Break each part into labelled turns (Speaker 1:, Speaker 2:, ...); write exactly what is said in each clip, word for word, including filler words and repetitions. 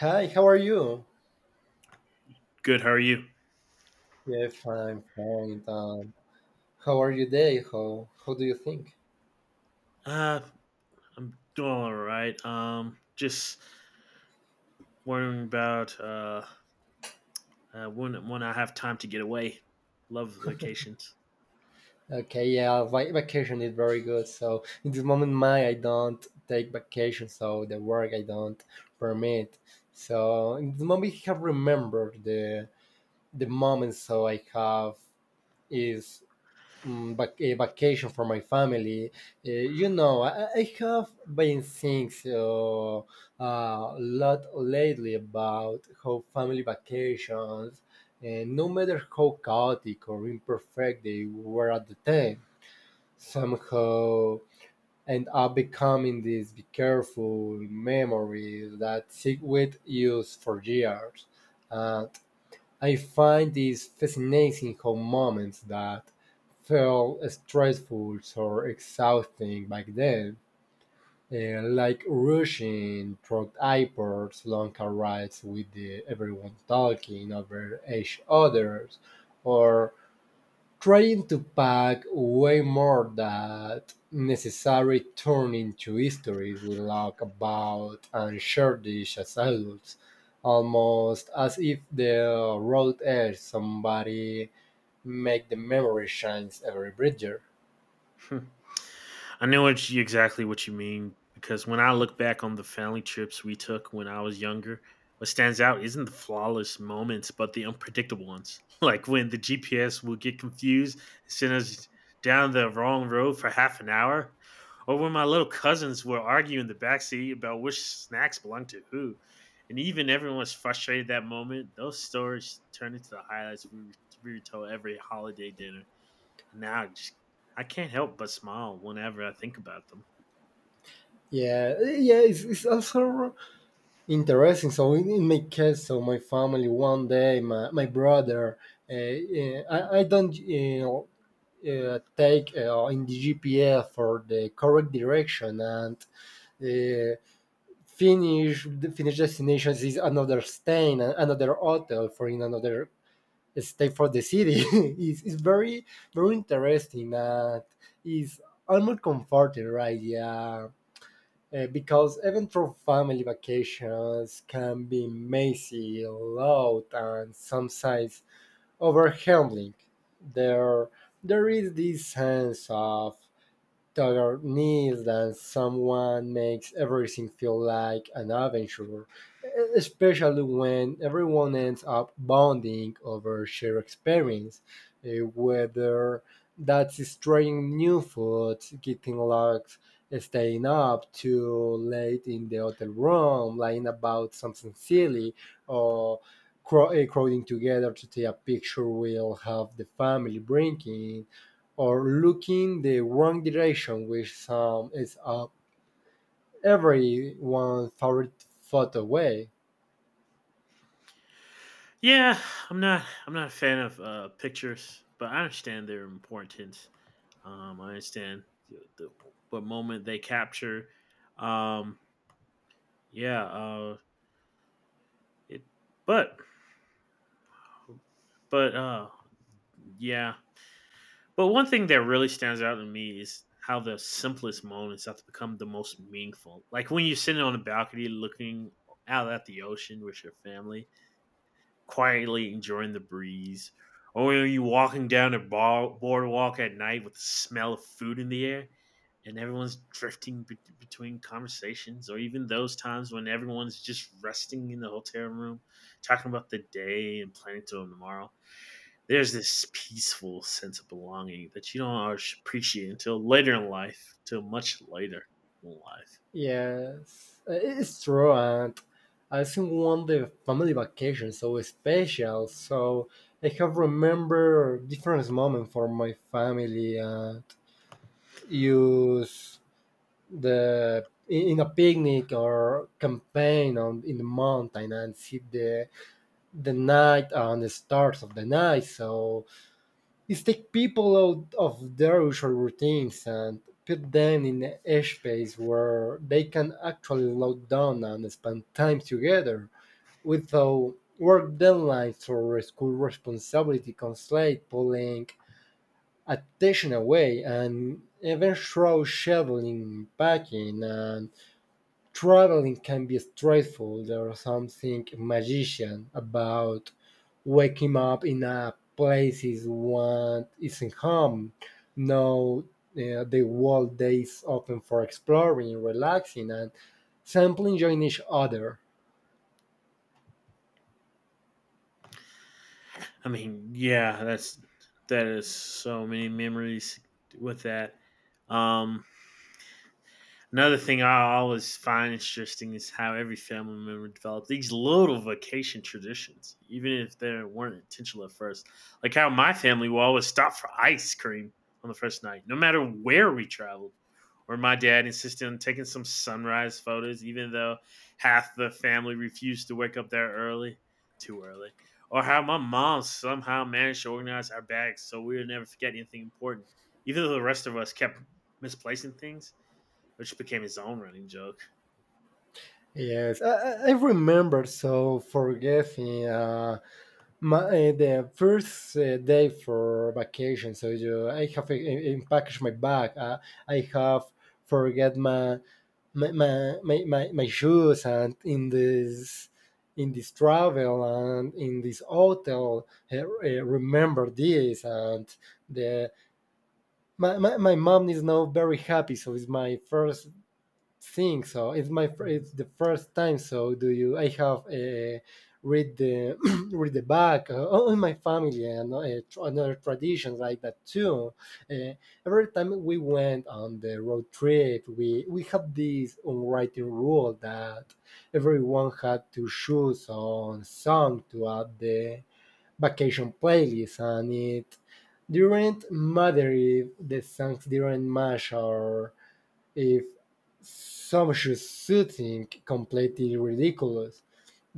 Speaker 1: Hi, how are you?
Speaker 2: Good. How are you?
Speaker 1: Yeah, fine, fine. Um, how are you today? How how do you think?
Speaker 2: Uh, I'm doing all right. Um, just wondering about uh, uh when when I have time to get away. Love vacations.
Speaker 1: Okay, yeah, va- vacation is very good. So in this moment, my I don't take vacation, so the work I don't permit. So in this moment, I have remembered the the moment. So I have is mm, vac- a vacation for my family. Uh, you know, I, I have been thinking uh, a lot lately about how family vacations, uh, no matter how chaotic or imperfect they were at the time, somehow end up becoming these be careful memories that stick with you for years. Uh, I find these fascinating how moments that felt stressful or exhausting back then, eh, like rushing through airports, long car rides with the, everyone talking over each other, or trying to pack way more than necessary turn into histories we laugh about and cherish as adults, almost as if the road edge somebody make the memory shines every bridger.
Speaker 2: I know what you, exactly what you mean because when I look back on the family trips we took when I was younger, what stands out isn't the flawless moments, but the unpredictable ones. Like when the G P S will get confused and send us down the wrong road for half an hour, or when my little cousins will argue in the backseat about which snacks belong to who. And even everyone was frustrated that moment. Those stories turn into the highlights we we told every holiday dinner. And now I just I can't help but smile whenever I think about them.
Speaker 1: Yeah, yeah, it's, it's also interesting. So in, in my case, so my family one day, my, my brother, uh, uh, I, I don't you know, uh, take uh, in the G P S for the correct direction and uh, finish the finish destinations is another stay in another hotel for in another stay for the city It's it's very, very interesting and is almost comforting, right? Yeah. Uh, because even for family vacations can be messy, loud, and sometimes overwhelming. There, there is this sense of tug our knees that someone makes everything feel like an adventure, especially when everyone ends up bonding over shared experience, eh, whether that's is trying new food, getting lost, staying up too late in the hotel room, lying about something silly, or crow- eh, crowding together to take a picture we'll have the family drinking or looking the wrong direction, which um, is uh, every favorite foot away.
Speaker 2: Yeah, I'm not I'm not a fan of uh, pictures, but I understand their importance. Um, I understand the, the what moment they capture. Um, yeah, uh, it but but uh, yeah, But one thing that really stands out to me is how the simplest moments have to become the most meaningful. Like when you're sitting on a balcony looking out at the ocean with your family, quietly enjoying the breeze. Or are you walking down a bar- boardwalk at night with the smell of food in the air and everyone's drifting be- between conversations? Or even those times when everyone's just resting in the hotel room, talking about the day and planning to tomorrow. There's this peaceful sense of belonging that you don't always appreciate until later in life, till much later in life.
Speaker 1: Yes, it's true, and I think one the family vacation so special. So I have remember different moments for my family and use the in in a picnic or campaign on in the mountain and see the the night and the stars of the night. So is take people out of their usual routines and put them in a space where they can actually slow down and spend time together without work deadlines or school responsibility constraint pulling attention away and even through scheduling, packing and traveling can be stressful. There's something magician about wake him up in a place he want isn't home. Now uh, the world is open for exploring, relaxing, and sampling, enjoying each other.
Speaker 2: I mean, yeah, that's that is so many memories with that. Um, Another thing I always find interesting is how every family member developed these little vacation traditions, even if they weren't intentional at first. Like how my family will always stop for ice cream on the first night, no matter where we traveled. Or my dad insisted on taking some sunrise photos, even though half the family refused to wake up there early, too early. Or how my mom somehow managed to organize our bags so we would never forget anything important, even though the rest of us kept misplacing things which became his own running joke.
Speaker 1: Yes, I, I I remember so forgetting uh, my, uh, the first uh, day for vacation. So you, I have uh, uh, packaged my bag. Uh, I have forget my my my, my, my shoes and in this in this travel and in this hotel uh, uh, remember this and the my, my, my mom is now very happy so it's my first think so. It's my fir-
Speaker 2: Mhm.
Speaker 1: it's the first time. So do you? I have uh, read the read the back uh, on on my family and uh, tr- another traditions like that too. Uh, every time we went on the road trip, we we have this unwritten rule that everyone had to choose on song to add the vacation playlist, and it didn't matter if the songs didn't match or if some should shooting completely ridiculous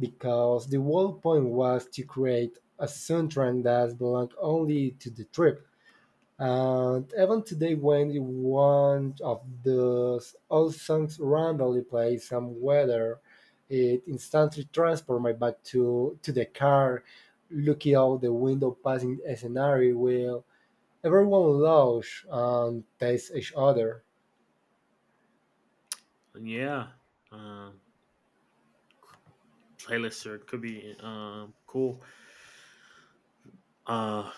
Speaker 1: because the whole point was to create a soundtrack that belonged only to the trip. And even today, when one of those old songs randomly plays some weather, it instantly transports me back to, to the car, looking out the window, passing a scenario where everyone laughs and tastes each other.
Speaker 2: yeah, um, Playlists could be um, cool. Uh,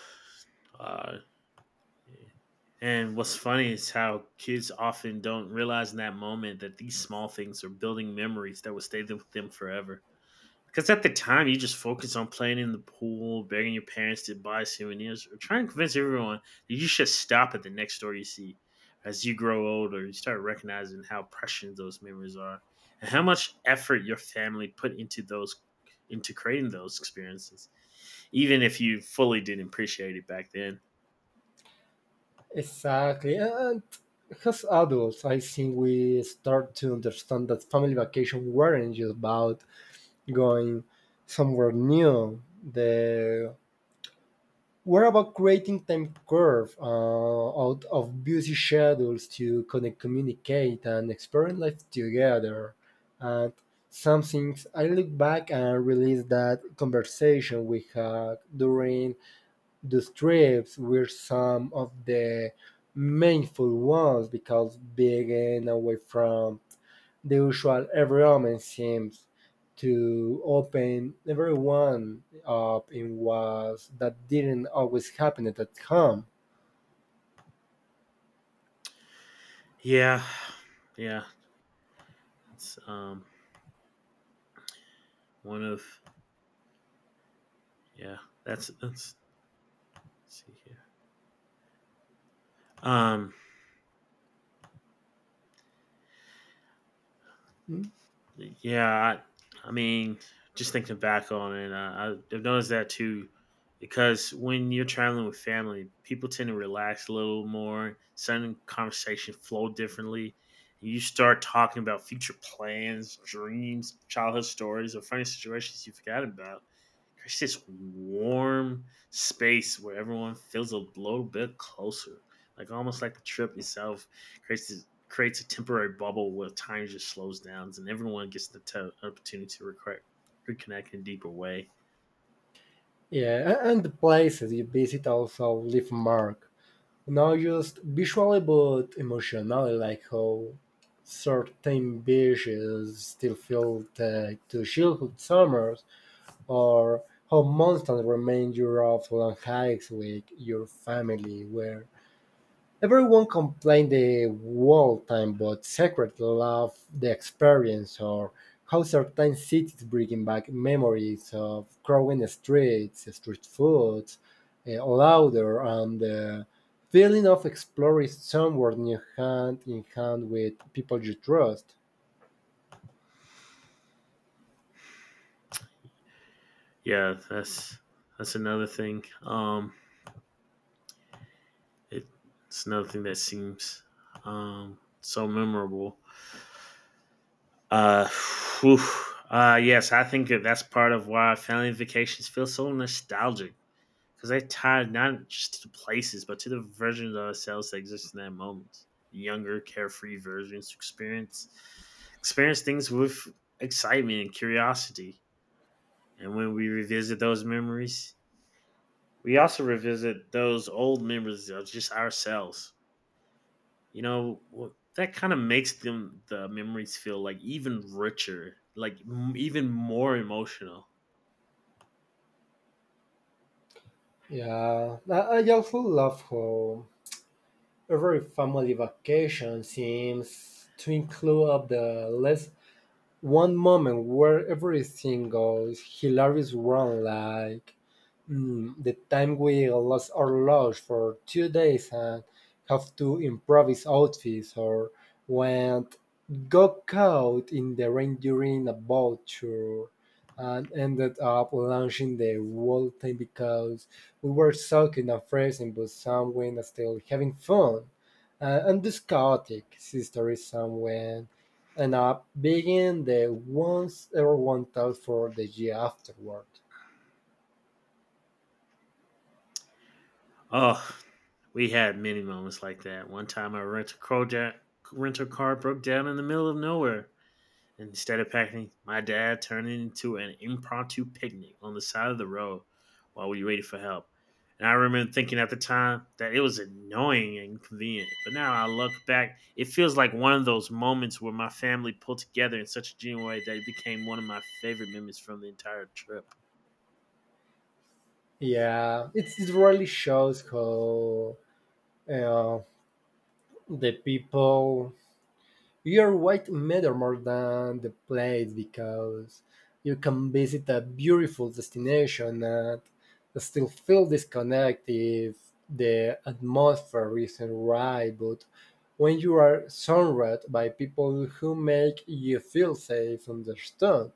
Speaker 2: uh, and what's funny is how kids often don't realize in that moment that these small things are building memories that will stay with them forever. Because at the time, you just focus on playing in the pool, begging your parents to buy souvenirs, or trying to convince everyone that you should stop at the next store you see. As you grow older, you start recognizing how precious those memories are and how much effort your family put into those into creating those experiences, even if you fully didn't appreciate it back then.
Speaker 1: Exactly. And as adults, I think we start to understand that family vacation weren't just about going somewhere new. The were about creating time curve uh, out of busy schedules to connect, communicate, and experience life together. And some things I look back and release that conversation we had during the strips were some of the meaningful ones because big and away from the usual environment seems to open everyone up in ways that didn't always happen at home.
Speaker 2: Yeah, yeah, it's um one of yeah. That's that's let's see here. Um, Yeah, I, I mean, just thinking back on it, uh, I- I've noticed that too. Because when you're traveling with family, people tend to relax a little more. Sudden conversation flow differently. You start talking about future plans, dreams, childhood stories, or funny situations you forgot about. It's this warm space where everyone feels a little bit closer. Like almost like the trip itself creates this, creates a temporary bubble where time just slows down and everyone gets the t- opportunity to reconnect, reconnect in a deeper way.
Speaker 1: Yeah, a- and the places you visit also leave mark, not just visually but emotionally, like how certain beaches still feel tied to childhood summers or how mountains remind you of and hikes with your family, where everyone complained the whole time but secretly loved the experience, or how certain cities bring back memories of crowded streets, street foods, uh, louder, and the feeling of exploring somewhere new hand in hand with people you trust.
Speaker 2: Yeah, that's that's another thing. Um, it, it's another thing that seems um, so memorable. Uh, whew. Uh, yes, I think that that's part of why family vacations feel so nostalgic because they tied not just to the places, but to the versions of ourselves that exist in that moment. The younger, carefree versions to experience experience things with excitement and curiosity. And when we revisit those memories, we also revisit those old memories of just ourselves. You know, that kind of makes them the memories feel like even richer, like m- even more emotional.
Speaker 1: Yeah, I, I also love how every family vacation seems to include at the least one moment where everything goes hilarious wrong, like mm, the time we lost our luggage for two days and have to improvise outfits, or when got caught in the rain during a boat tour and ended up launching the whole thing because we were soaking and freezing but someone still having fun. Uh, and this chaotic history someone ended up being the ones everyone thought for the year afterward.
Speaker 2: Oh, we had many moments like that. One time, our rental car, ja- rental car broke down in the middle of nowhere. And instead of packing, my dad turned it into an impromptu picnic on the side of the road while we waited for help. And I remember thinking at the time that it was annoying and inconvenient. But now I look back, it feels like one of those moments where my family pulled together in such a genuine way that it became one of my favorite memories from the entire trip.
Speaker 1: Yeah, it's, it really shows how uh, the people your weight matter more than the place because you can visit a beautiful destination and still feel disconnected if the atmosphere isn't right. But when you are surrounded by people who make you feel safe, understood,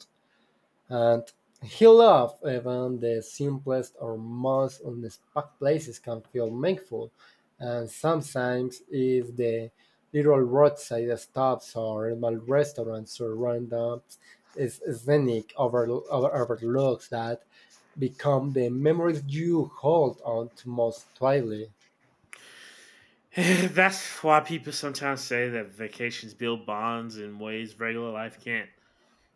Speaker 1: and he loved even the simplest or most unexpected places can feel meaningful, and sometimes it's the little roadside stops or small restaurants or random s- scenic over, over, overlooks that become the memories you hold on to most tightly.
Speaker 2: That's why people sometimes say that vacations build bonds in ways regular life can't.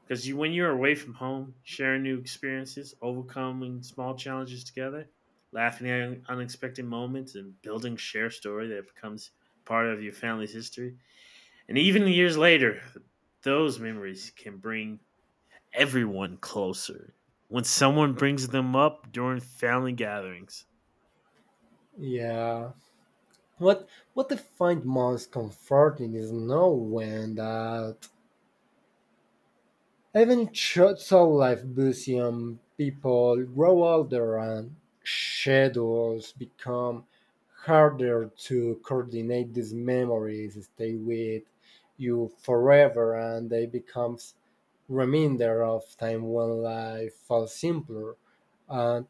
Speaker 2: Because you, when you're away from home, sharing new experiences, overcoming small challenges together, laughing at un- unexpected moments, and building shared story that becomes part of your family's history, and even years later, those memories can bring everyone closer. When someone brings them up during family gatherings,
Speaker 1: Yeah. What what I find most comforting is knowing that even shots short-lived museum people grow older and schedules become harder to coordinate these memories stay with you forever and they become reminder of time when life felt simpler and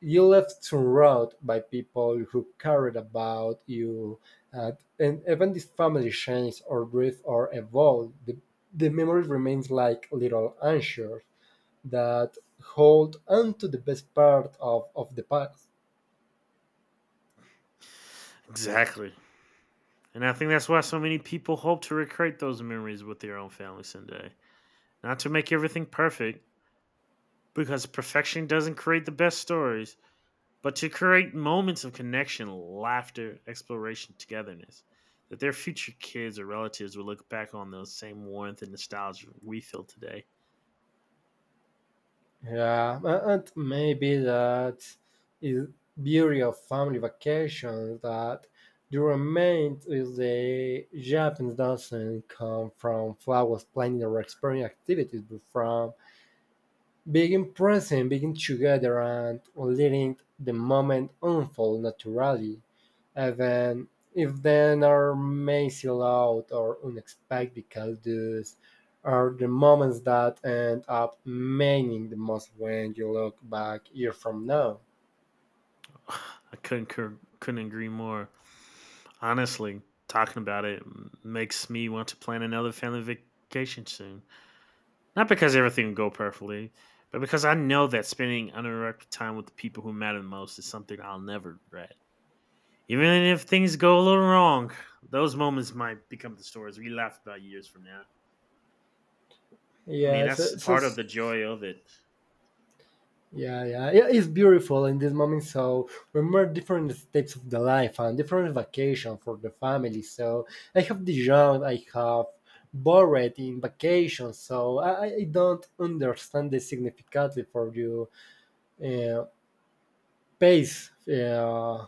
Speaker 1: you left surrounded by people who cared about you and, and even if family changed or drift or evolved the, the memory remains like little anchors that hold on to the best part of, of the past.
Speaker 2: exactly. And I think that's why so many people hope to recreate those memories with their own family someday. Not to make everything perfect, because perfection doesn't create the best stories, but to create moments of connection, laughter, exploration, togetherness. That their future kids or relatives will look back on those same warmth and nostalgia we feel today.
Speaker 1: Yeah, a- and maybe that is beauty of family vacations that you remain with the Japanese doesn't come from flowers planning or exploring activities, but from being present, being together, and letting the moment unfold naturally, even if then are messy loud or unexpected, because those are the moments that end up meaning the most when you look back year from now.
Speaker 2: I couldn't couldn't agree more. Honestly, talking about it makes me want to plan another family vacation soon. Not because everything will go perfectly, but because I know that spending uninterrupted time with the people who matter the most is something I'll never regret. Even if things go a little wrong, those moments might become the stories we laugh about years from now. I mean,
Speaker 1: Yeah,
Speaker 2: that's
Speaker 1: so, so.
Speaker 2: part of the joy of it.
Speaker 1: Yeah, yeah, yeah. It's beautiful in this moment. So remember different steps of the life and different vacation for the family. So I have the young, I have borrowed in vacation. So I, I I don't understand the significantly for you uh, pace. Uh,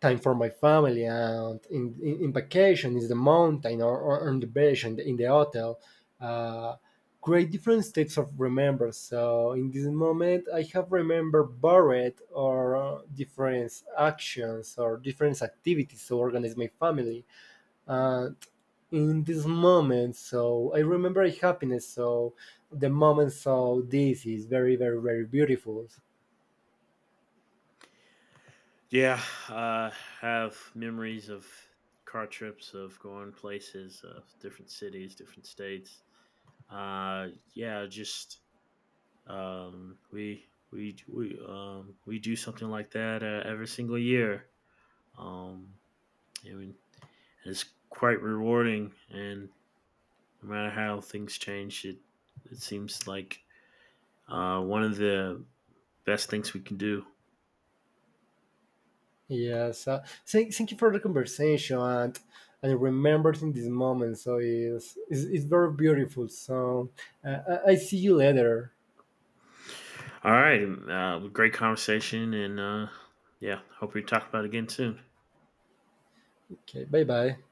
Speaker 1: Time for my family and in, in, in vacation is the mountain or, or on the beach and in the hotel uh, create different states of remember so in this moment I have remember buried or uh, different actions or different activities to organize my family and in this moment so I remember happiness so the moment so this is very, very, very beautiful.
Speaker 2: Yeah, uh, have memories of car trips, of going places, of different cities, different states. Uh, yeah, just um, we we we um, we do something like that uh, every single year. Um, it would, it's quite rewarding, and no matter how things change, it it seems like uh, one of the best things we can do.
Speaker 1: Yes. Uh, thank, thank you for the conversation and and remembering this moment. So it's it's, it's very beautiful. So uh, I I see you later.
Speaker 2: All right, uh, great conversation, and uh, yeah, hope we talk about it again soon.
Speaker 1: Okay. Bye bye.